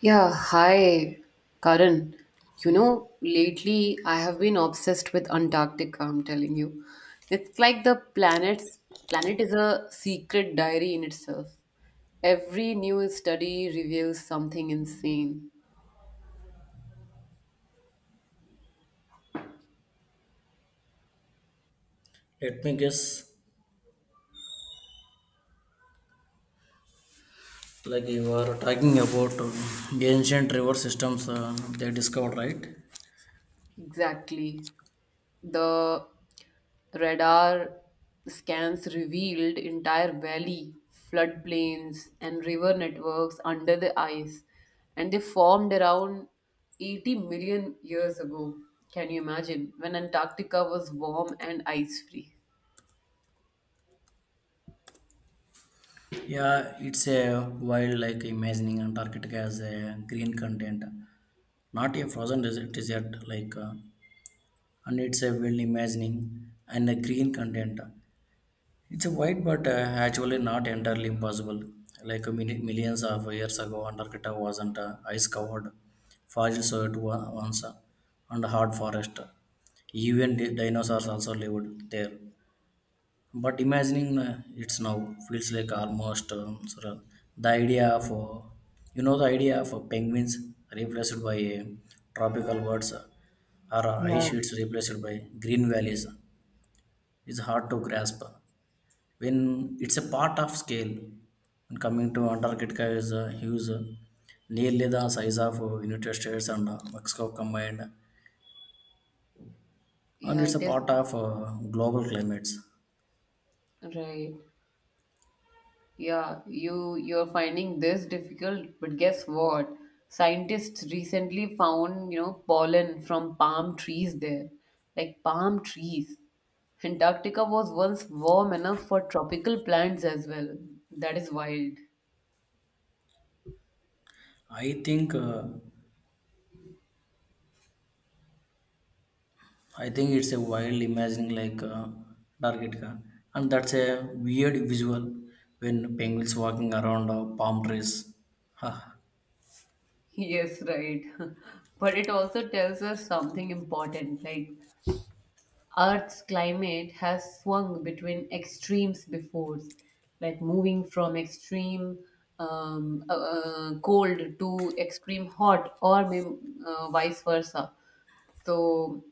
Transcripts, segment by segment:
Yeah, hi, Karan. You know, lately I have been obsessed with Antarctica, I'm telling you. It's like the planet is a secret diary in itself. Every new study reveals something insane. Let me guess, like you are talking about ancient river systems they discovered, right? Exactly. The radar scans revealed entire valley, floodplains, and river networks under the ice, and they formed around 80 million years ago. Can you imagine? When Antarctica was warm and ice free. Yeah, it's a wild like imagining Antarctica as a green continent, not a frozen desert, like, and it's a wild imagining and a green continent. It's a wide, but actually not entirely impossible. Like many millions of years ago, Antarctica wasn't ice-covered forest, so once and hard forest. Even dinosaurs also lived there. But imagining it's now feels like almost surreal. The idea of penguins replaced by tropical birds or ice sheets replaced by green valleys is hard to grasp when it's a part of scale, and coming to antarctica is huge, nearly the size of united states and mexico combined, and Yeah, it's a it is. part of global climates. Right. Yeah, you're finding this difficult, but guess what? Scientists recently found, you know, pollen from palm trees there, like palm trees. Antarctica was once warm enough for tropical plants as well. That is wild. I think uh, i think it's a wild imagining like antarctica, and that's a weird visual when penguins walking around palm trees. Yes, right. But it also tells us something important, like Earth's climate has swung between extremes before, like moving from extreme cold to extreme hot, or vice versa. So,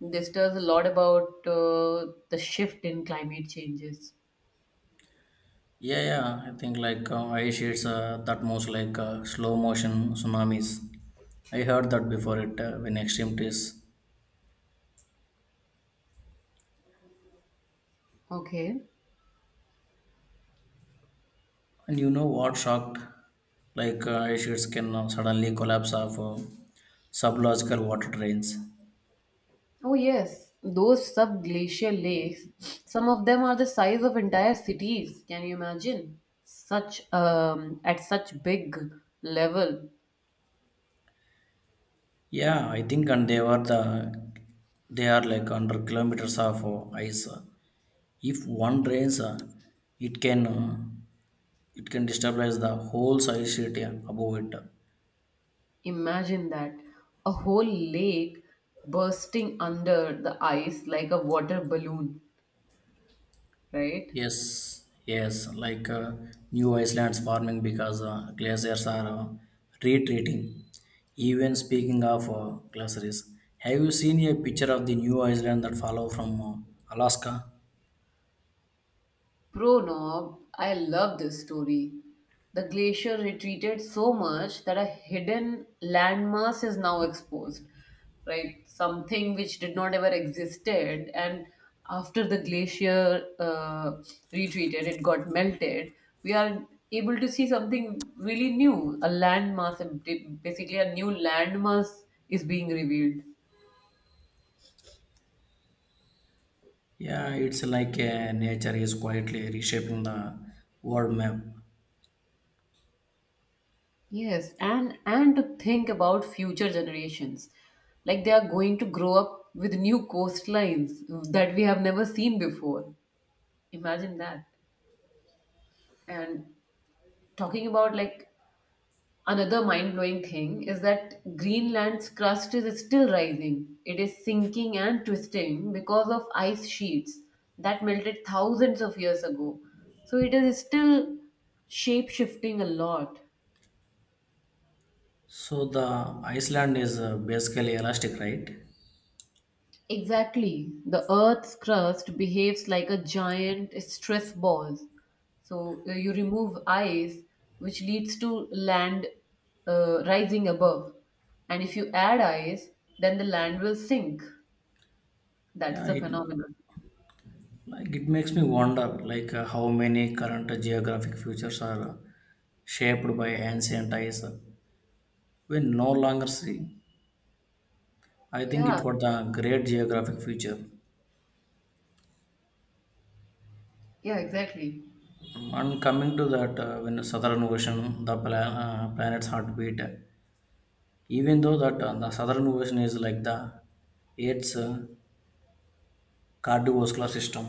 this tells a lot about the shift in climate changes. Yeah, yeah. I think like ice sheets that moves like slow motion tsunamis. I heard that before it when extreme trees. Okay. And you know what shocked? Like ice sheets can suddenly collapse of sublogical water drains. Oh, yes. Those subglacial lakes, some of them are the size of entire cities. Can you imagine? Such at such big level. Yeah, I think and they were the they are like under kilometers of ice. If one drains, it can it can destabilize the whole ice sheet, yeah, above it. Imagine that a whole lake bursting under the ice like a water balloon, right? Yes, yes, like new Iceland's forming because glaciers are retreating. Even speaking of glaciers, have you seen a picture of the new island that follow from Alaska? Pronob, I love this story. The glacier retreated so much that a hidden landmass is now exposed, right? Something which did not ever existed, and after the glacier retreated, it got melted. We are able to see something really new. A landmass, basically a new landmass, is being revealed. Yeah, it's like nature is quietly reshaping the world map. Yes, and to think about future generations, like they are going to grow up with new coastlines that we have never seen before. Imagine that. And talking about like another mind-blowing thing is that Greenland's crust is still rising. It is sinking and twisting because of ice sheets that melted thousands of years ago. So it is still shape-shifting a lot. So the Iceland is basically elastic, right? Exactly. The Earth's crust behaves like a giant stress ball. So you remove ice, which leads to land rising above. And if you add ice, then the land will sink. That's Yeah, the it. phenomenon. Like it makes me wonder, like how many current geographic futures are shaped by ancient ties we no longer see. I think it Yeah, was the great geographic future. yeah, exactly. And coming to that, when the southern ocean, the planet's heartbeat, even though that the southern ocean is like the eighth cardiovascular system.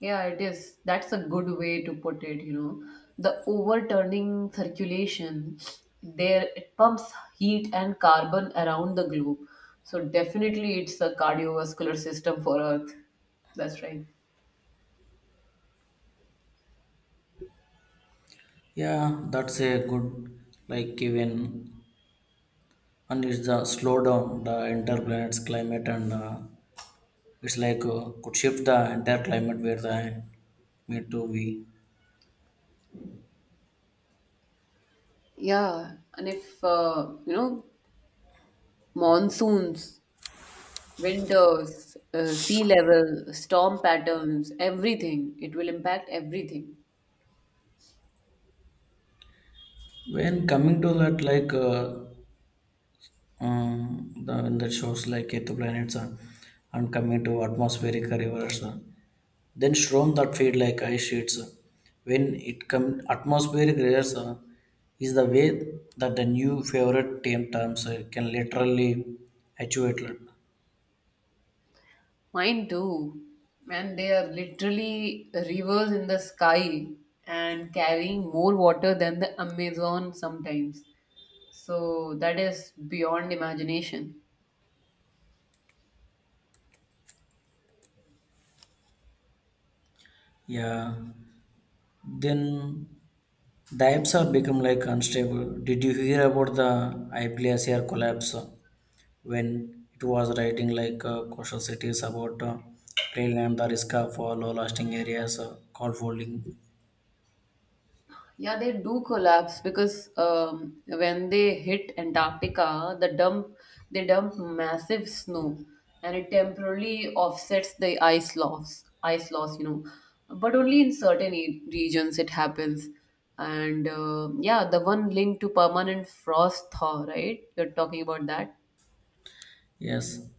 Yeah, it is. That's a good way to put it, you know. The overturning circulation there it pumps heat and carbon around the globe. So definitely it's a cardiovascular system for Earth. That's right. Yeah, that's a good like given, and it's the slow down the entire planet's climate and. It's like could shift the entire climate where the need to be Yeah, and if you know monsoons, winters, sea level, storm patterns, everything, it will impact everything. when coming to that like the when that shows like exoplanets, and coming to atmospheric rivers, then storm that feed like ice sheets, when it come atmospheric rivers is the way that the new favorite team terms can literally actuate. Mine too. And they are literally rivers in the sky and carrying more water than the Amazon sometimes. So that is beyond imagination. Yeah, then the apps have become like unstable. Did you hear about the IPLCR collapse, when it was writing like coastal cities about trail and the risk for low lasting areas called folding? Yeah, they do collapse because when they hit Antarctica, they dump massive snow, and it temporarily offsets the ice loss. Ice loss, you know, but only in certain regions it happens. And yeah, the one linked to permanent frost thaw, right? You're talking about that. Yes,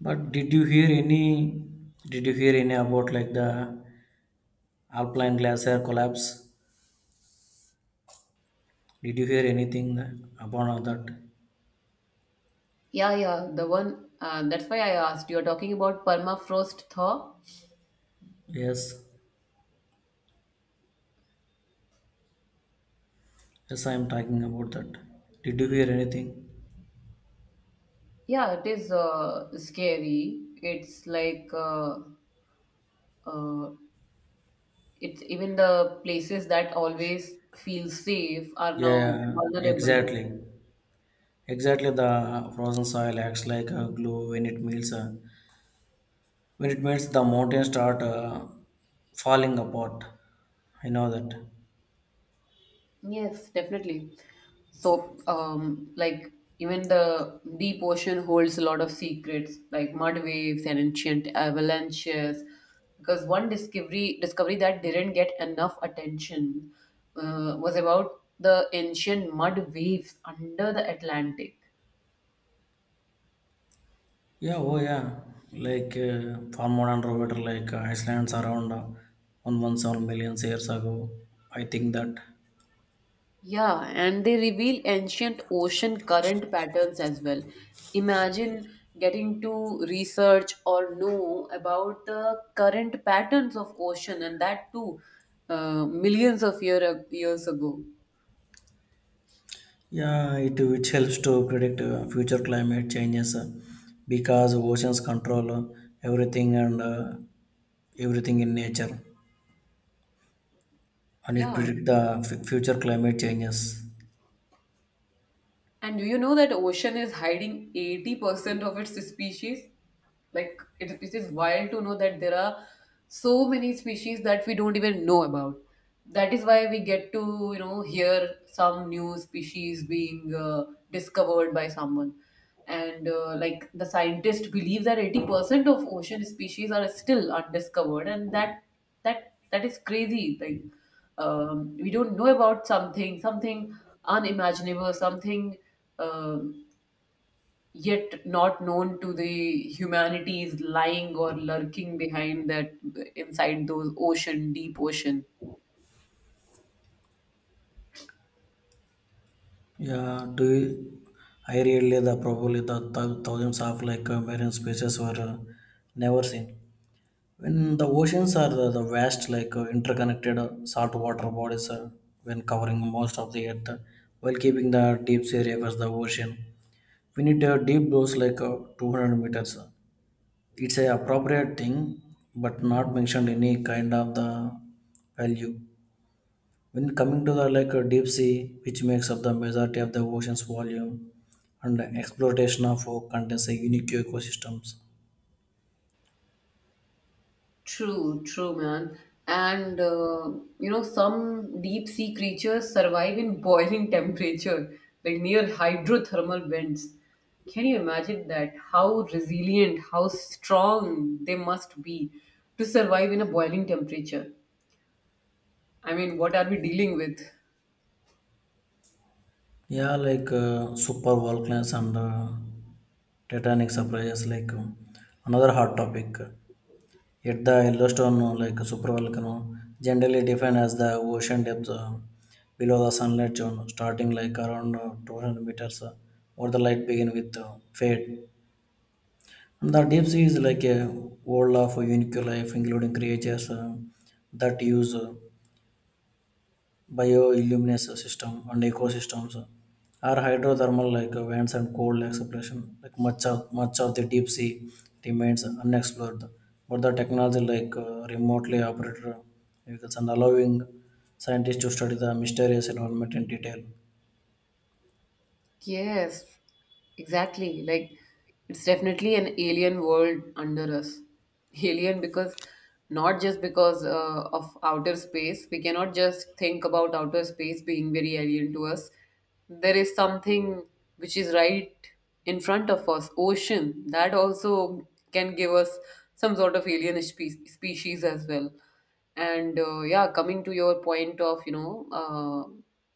but did you hear any? Did you hear any about like the alpine glacier collapse? Did you hear anything about that? Yeah, yeah, the one. That's why I asked. You're talking about permafrost thaw. Yes, yes, I am talking about that. Did you hear anything? Yeah, it is scary. It's like. Uh, it's even the places that always feel safe are now Yeah, yeah, vulnerable. exactly. Exactly, the frozen soil acts like a glue when it melts. When it melts, the mountains start falling apart. I know that. Yes, definitely. So, like even the deep ocean holds a lot of secrets, like mud waves and ancient avalanches. Because one discovery that didn't get enough attention was about the ancient mud waves under the Atlantic. Yeah, oh yeah. Like far more and Rover, like Iceland's around 117 million years ago. I think that. Yeah, and they reveal ancient ocean current patterns as well. Imagine getting to research or know about the current patterns of ocean and that too millions of years ago. Yeah, it which helps to predict future climate changes, because oceans control everything, and everything in nature, and it Yeah, predict the future climate changes. and do you know that ocean is hiding 80% of its species? Like, it is wild to know that there are so many species that we don't even know about. That is why we get to, you know, hear some new species being discovered by someone. And like the scientists believe that 80% of ocean species are still undiscovered, and that that is crazy. Like we don't know about something, something unimaginable, something um yet not known to the humanity is lying or lurking behind that inside those ocean, deep ocean. Yeah, I really the probably the thousands of like marine species were never seen. When the oceans are the vast like interconnected saltwater bodies when covering most of the earth, while keeping the deep sea rivers the ocean. We need deep those like 200 meters. It's a appropriate thing but not mentioned any kind of the value. When coming to the like deep sea, which makes up the majority of the ocean's volume, and exploitation of rock contains a unique ecosystems. True, true, man. And you know, some deep sea creatures survive in boiling temperature, like near hydrothermal vents. Can you imagine that? How resilient, how strong they must be to survive in a boiling temperature. I mean, what are we dealing with? Yeah, like super volcanoes and titanic surprises, like another hot topic. Yet the Yellowstone, like super volcano, generally defined as the ocean depth below the sunlight zone, starting like around 200 meters, where the light begin with fade. The deep sea is like a world of unique life, including creatures that use bioluminescence system and ecosystems, or hydrothermal like vents and cold exploration. Like much of the deep sea remains unexplored, but the technology like remotely operated vehicles and allowing scientists to study the mysterious environment in detail. Yes, exactly. Like it's definitely an alien world under us. Alien because not just because of outer space. We cannot just think about outer space being very alien to us. There is something which is right in front of us, ocean. That also can give us some sort of alien species as well. And yeah, coming to your point of, you know,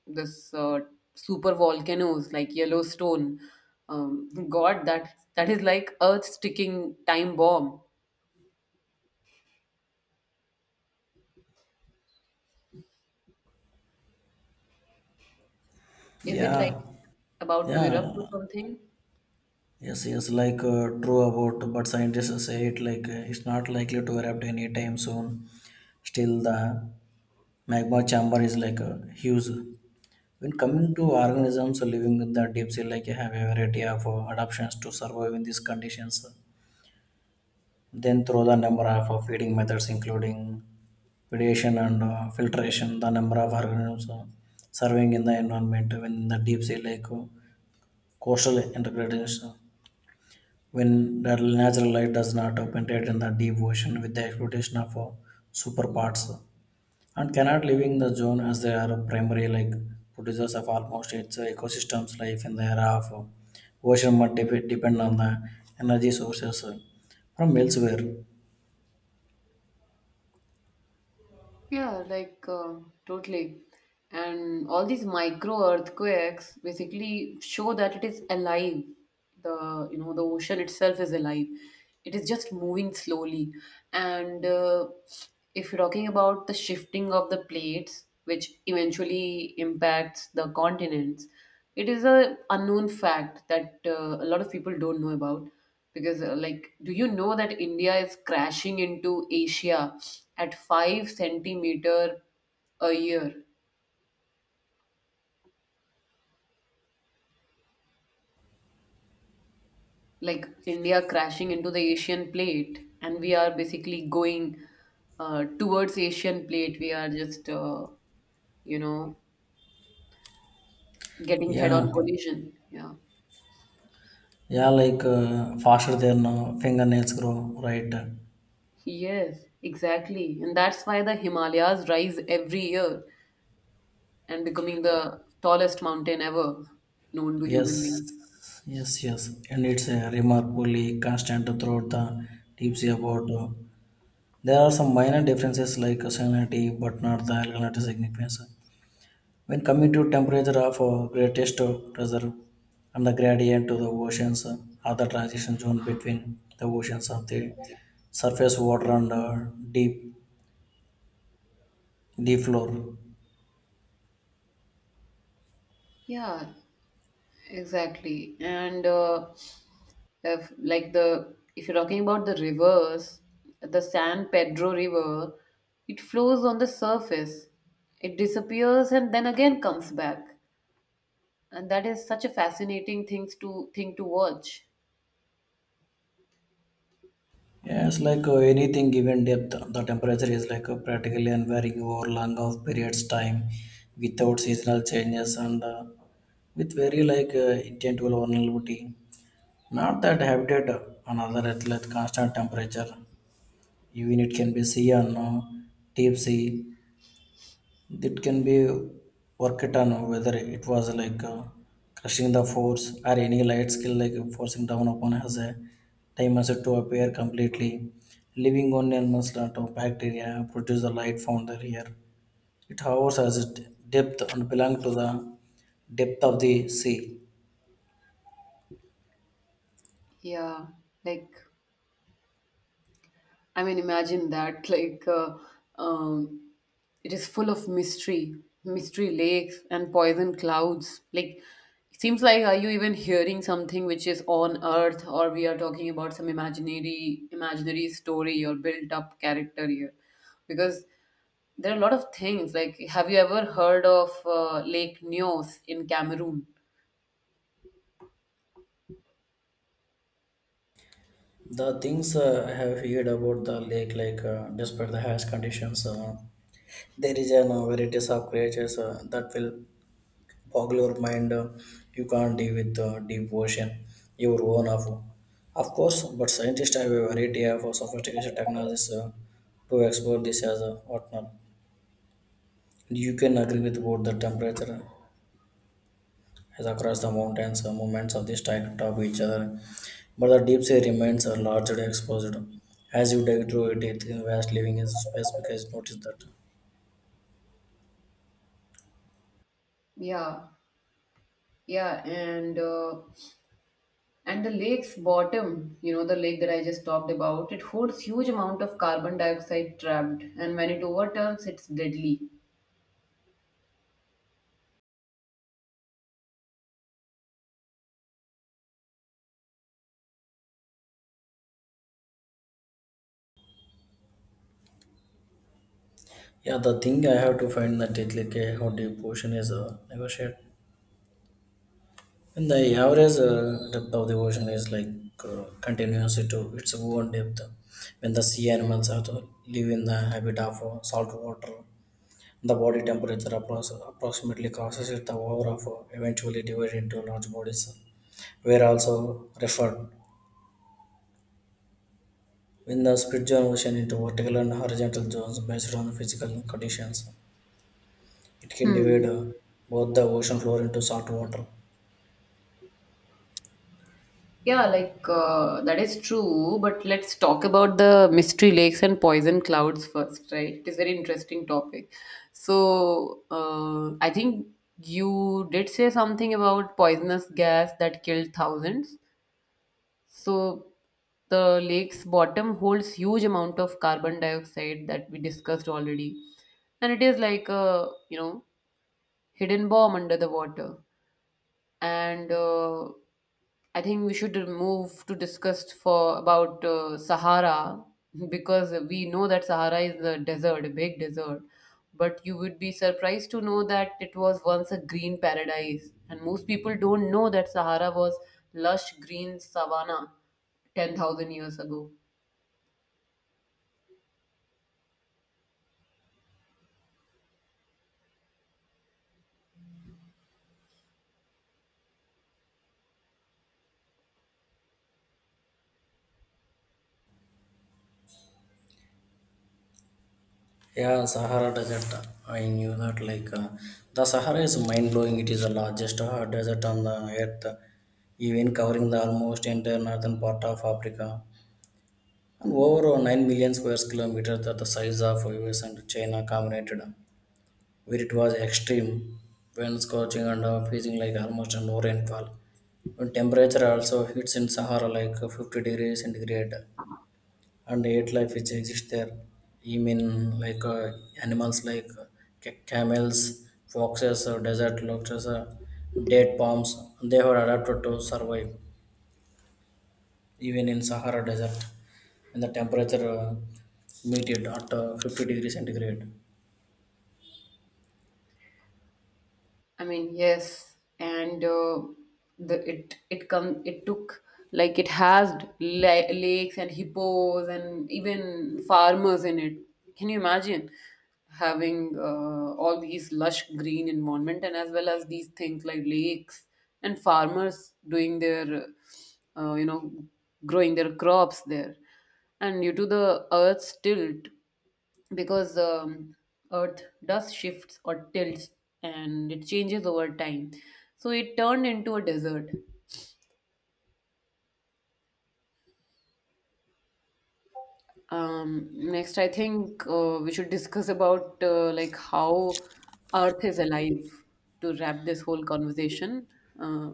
this super volcanoes like Yellowstone, God, that is like Earth's ticking time bomb. Is it like Yeah, about to erupt or yeah. something? Yes, yes, like true about, but scientists say it like it's not likely to erupt anytime soon. Still, the magma chamber is like a huge. When coming to organisms living in the deep sea, like you have a variety of adaptations to survive in these conditions. Then through the number of feeding methods, including predation and filtration, the number of organisms surviving in the environment when in the deep sea, like coastal integration. When that natural light does not penetrate in the deep ocean with the exploitation of superparts and cannot living the zone as they are primary like producers of almost its ecosystems life in the era of ocean must depend on the energy sources from elsewhere. Yeah, like totally. And all these micro earthquakes basically show that it is alive. The you know the ocean itself is alive. It is just moving slowly. And if you're talking about the shifting of the plates, which eventually impacts the continents, it is a unknown fact that a lot of people don't know about because like do you know that india is crashing into asia at 5 centimeters centimeter a year like india crashing into the asian plate and we are basically going towards asian plate we are just you know getting head Yeah, on collision yeah yeah, like faster than fingernails grow, right? yes exactly and that's why the himalayas rise every year and becoming the tallest mountain ever known to Yes, human beings yes, yes, and it's a remarkably constant throughout the deep sea about there are some minor differences like salinity, but not the alkalinity significance. When coming to temperature of greatest pressure and the gradient to the oceans are the transition zone between the oceans of the surface water and deep floor. yeah exactly. And if you're talking about the rivers, the San Pedro River, it flows on the surface. It disappears and then again comes back. And that is such a fascinating thing to watch. Yes, like anything given depth, the temperature is like practically unvarying over long of periods time without seasonal changes, and with very like intent vulnerability. Not that habitat, another athlete, constant temperature, even it can be sea and deep sea. It can be work it on whether it was like crushing the force or any light skill like forcing down upon has a time as to appear completely. Living on a lot of bacteria produce the light found there here. It hovers as a depth and belong to the depth of the sea. Yeah. Like I mean, imagine that. Like, um, it is full of mystery, mystery lakes and poison clouds. Like, it seems like are you even hearing something which is on Earth, or we are talking about some imaginary, imaginary story or built-up character here? Because there are a lot of things. Like, have you ever heard of Lake Nyos in Cameroon? The things I have heard about the lake, like despite the harsh conditions, there is a varieties of creatures that will boggle your mind. You can't deal with deep ocean, your own of course. But scientists have a variety of sophisticated technologies to explore this as a whatnot. You can agree with about the temperature as across the mountains, movements of this stack top each other, but the deep sea remains are largely exposed. As you dig through it, it in vast living in space because notice that. Yeah, yeah. And the lake's bottom, you know, the lake that I just talked about, it holds huge amount of carbon dioxide trapped, and when it overturns, it's deadly. Yeah, the thing I have to find that it like how deep ocean is negotiated. And the average depth of the ocean is like continuous to its own depth. When the sea animals have to live in the habit of salt water. The body temperature approximately causes it the over of eventually divide into large bodies, were also referred. In the spiritual ocean into vertical and horizontal zones based on physical conditions, it can divide both the ocean floor into salt water. Yeah, like that is true. But let's talk about the mystery lakes and poison clouds first, right? It is very interesting topic. So I think you did say something about poisonous gas that killed thousands. So the lake's bottom holds huge amount of carbon dioxide that we discussed already, and it is like a you know hidden bomb under the water and I think we should move to discuss for about Sahara because we know that Sahara is a desert, a big desert. But you would be surprised to know that it was once a green paradise, and most people don't know that Sahara was lush green savanna 10,000 years ago. Yeah, Sahara Desert. I knew that. Like the Sahara is mind blowing. It is the largest desert on the earth, even covering the almost entire northern part of Africa. And over 9 million square kilometers that the size of US and China combined, where it was extreme when scorching and freezing like almost no rainfall. When temperature also hits in Sahara like 50 degrees centigrade and eight life which exists there. I mean like animals like camels, foxes, desert lobsters, date palms, they were adapted to survive, even in Sahara Desert, when the temperature meted at 50-degree centigrade. I mean, yes, and the it it come it took like it has lakes and hippos and even farmers in it. Can you imagine having all these lush green environment and as well as these things like lakes and farmers doing their you know growing their crops there, and due to the Earth's tilt because Earth does shifts or tilts and it changes over time. So it turned into a desert. Next, I think we should discuss about like how Earth is alive to wrap this whole conversation. Uh,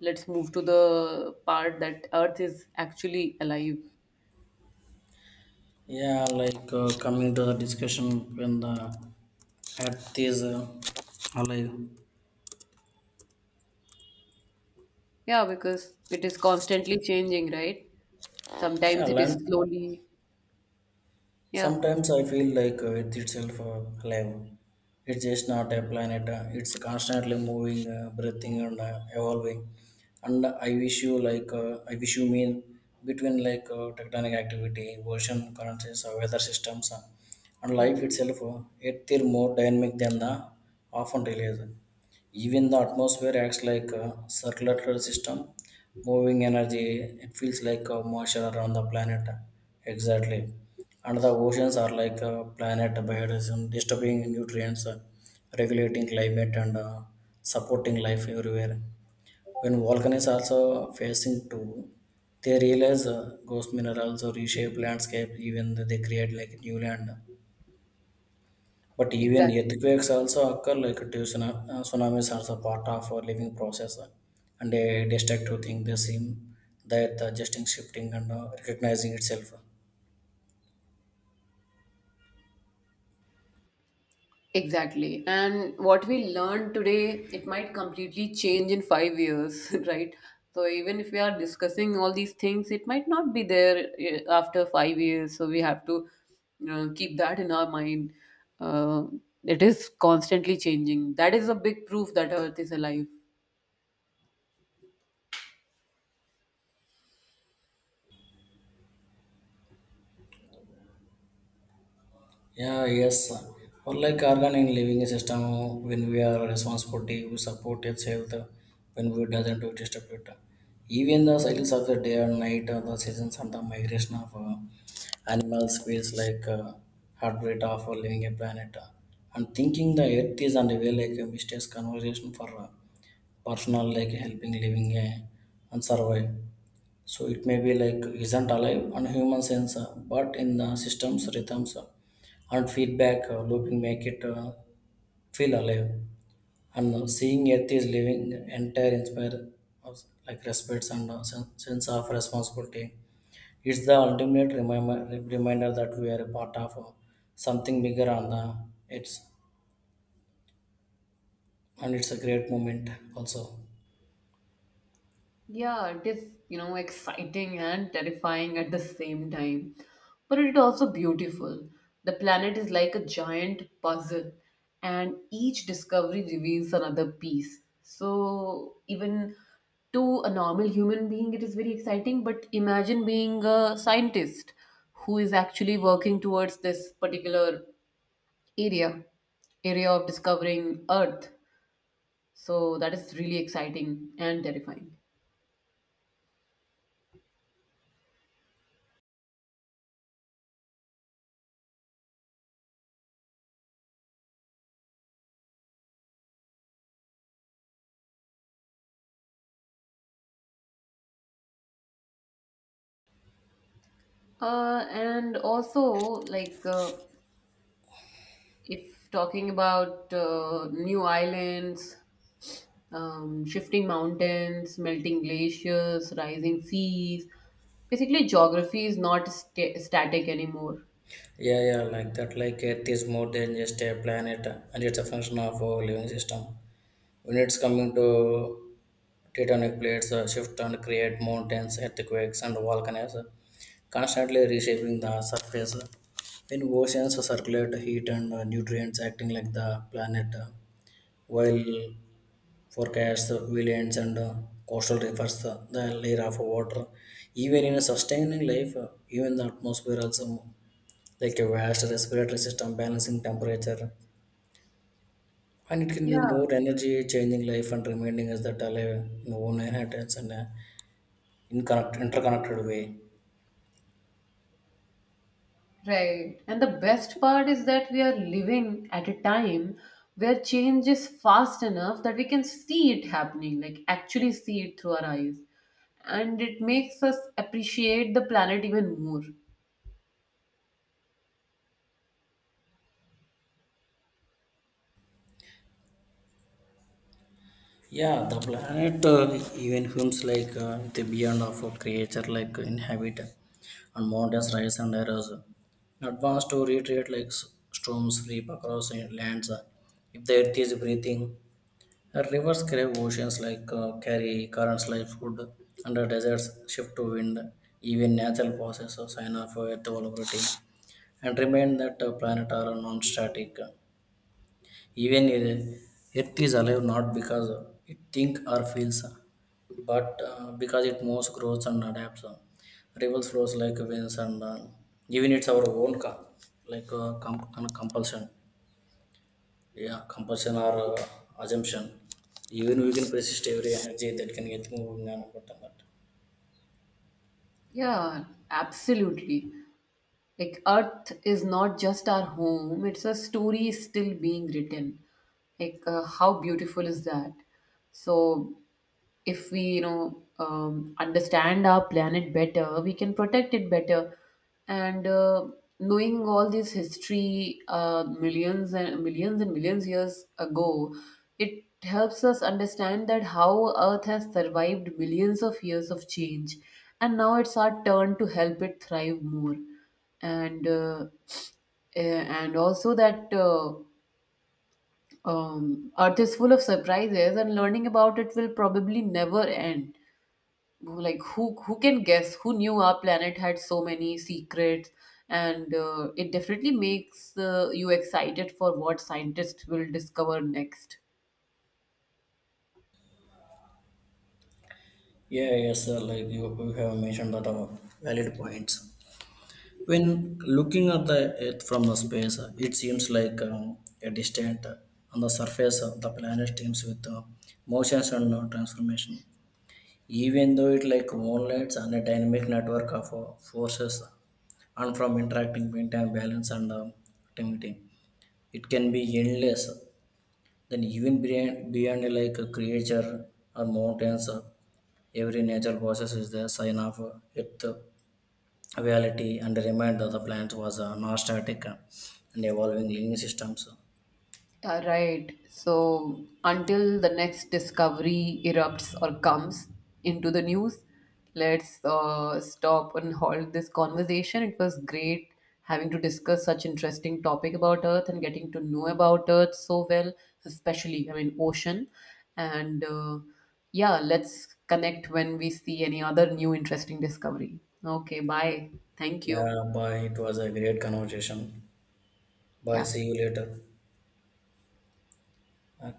let's move to the part that Earth is actually alive. Yeah, like coming to the discussion when the earth is alive. Yeah, because it is constantly changing, right? Yeah, Sometimes it is land. slowly. Yeah. Sometimes I feel like Earth itself alive. It's just not a planet. It's constantly moving, breathing, and evolving. And I wish you mean between like tectonic activity, ocean currents, weather systems, and life hmm itself. It is more dynamic than the often realized. Even the atmosphere acts like a circulatory system moving energy. It feels like a moisture around the planet. Exactly. And the oceans are like a planet biodiversity distributing nutrients, regulating climate and supporting life everywhere. When volcanoes also facing to, they realize ghost minerals or reshape landscape, even they create like new land. But even Exactly. earthquakes also occur like a tsunami. Tsunamis are also part of our living process, and a destructive thing. They seem that just shifting and recognizing itself. Exactly. And what we learn today, it might completely change in 5 years, right? So even if we are discussing all these things, it might not be there after 5 years. So we have to keep that in our mind. Uh, it is constantly changing. That is a big proof that Earth is alive. Yeah, yes. Unlike organic living system, when we are responsibility, we support its health. When we doesn't, we disturb it. Even the cycles of the day and night, the seasons and the migration of animals feels like heartbeat of a living a planet. And thinking the earth is and way like a mysterious conversation for personal like helping living and survive. So it may be like isn't alive on human sense, but in the systems rhythms and feedback looping make it feel alive. And seeing Earth is living entire inspire us, like respects and sense of responsibility. It's the ultimate reminder that we are a part of something bigger and it's and it's a great moment also. Yeah, it is, you know, exciting and terrifying at the same time. But it is also beautiful. The planet is like a giant puzzle, and each discovery reveals another piece. So, even to a normal human being, it is very exciting. But imagine being a scientist who is actually working towards this particular area, area of discovering Earth. So, that is really exciting and terrifying. And also, like, if talking about new islands, shifting mountains, melting glaciers, rising seas, basically, geography is not static anymore. Yeah, yeah, like that. Like Earth is more than just a planet, and it's a function of our living system. When it's coming to tectonic plates shift and create mountains, earthquakes, and volcanoes, constantly reshaping the surface. In oceans, circulate heat and nutrients acting like the planet, while forecasts, wetlands, and coastal rivers, the layer of water. Even in a sustaining life, even the atmosphere also like a vast respiratory system balancing temperature, and it can be Yeah. more energy changing life and reminding us that alive in own inheritance and in connect, interconnected way. Right. And the best part is that we are living at a time where change is fast enough that we can see it happening, like, actually see it through our eyes. And it makes us appreciate the planet even more. Yeah, the planet, even films like the beyond of a creature like inhabit and mountains rise and errors in advance to retreat like storms sweep across in- lands, if the earth is breathing, rivers crave oceans like carry currents like food under deserts shift to wind. Even natural processes sign of earth vulnerability and remind that planet are non-static. Even if Earth is alive not because it think or feels, but because it moves, grows, and adapts. Rivers flows like winds, and even it's our own like kind of compulsion, yeah, compulsion or assumption. Even we can persist every energy that can get moved. But Yeah, absolutely. Like, Earth is not just our home, it's a story still being written. Like, how beautiful is that? So, if we you know understand our planet better we can protect it better and knowing all this history millions and millions and millions years ago it helps us understand that how earth has survived millions of years of change and now it's our turn to help it thrive more and and also that earth is full of surprises and learning about it will probably never end who can guess who knew our planet had so many secrets and it definitely makes you excited for what scientists will discover next. yeah, yes, sir, like you have mentioned that are valid points. When looking at the Earth from the space, it seems like a distant on the surface of the planet streams with motions and transformation. Even though it like moonlights and a dynamic network of forces and from interacting wind and balance and activity, it can be endless. Then even beyond like a creature or mountains, every natural process is the sign of Earth reality and remind that the plant was not static and evolving living systems. Right. So until the next discovery erupts or comes into the news, let's stop and halt this conversation. It was great having to discuss such interesting topic about Earth and getting to know about Earth so well, especially I mean ocean. And yeah, let's connect when we see any other new interesting discovery. Okay, bye. Thank you. Yeah, bye. It was a great conversation. Bye. Yeah. See you later. Uh,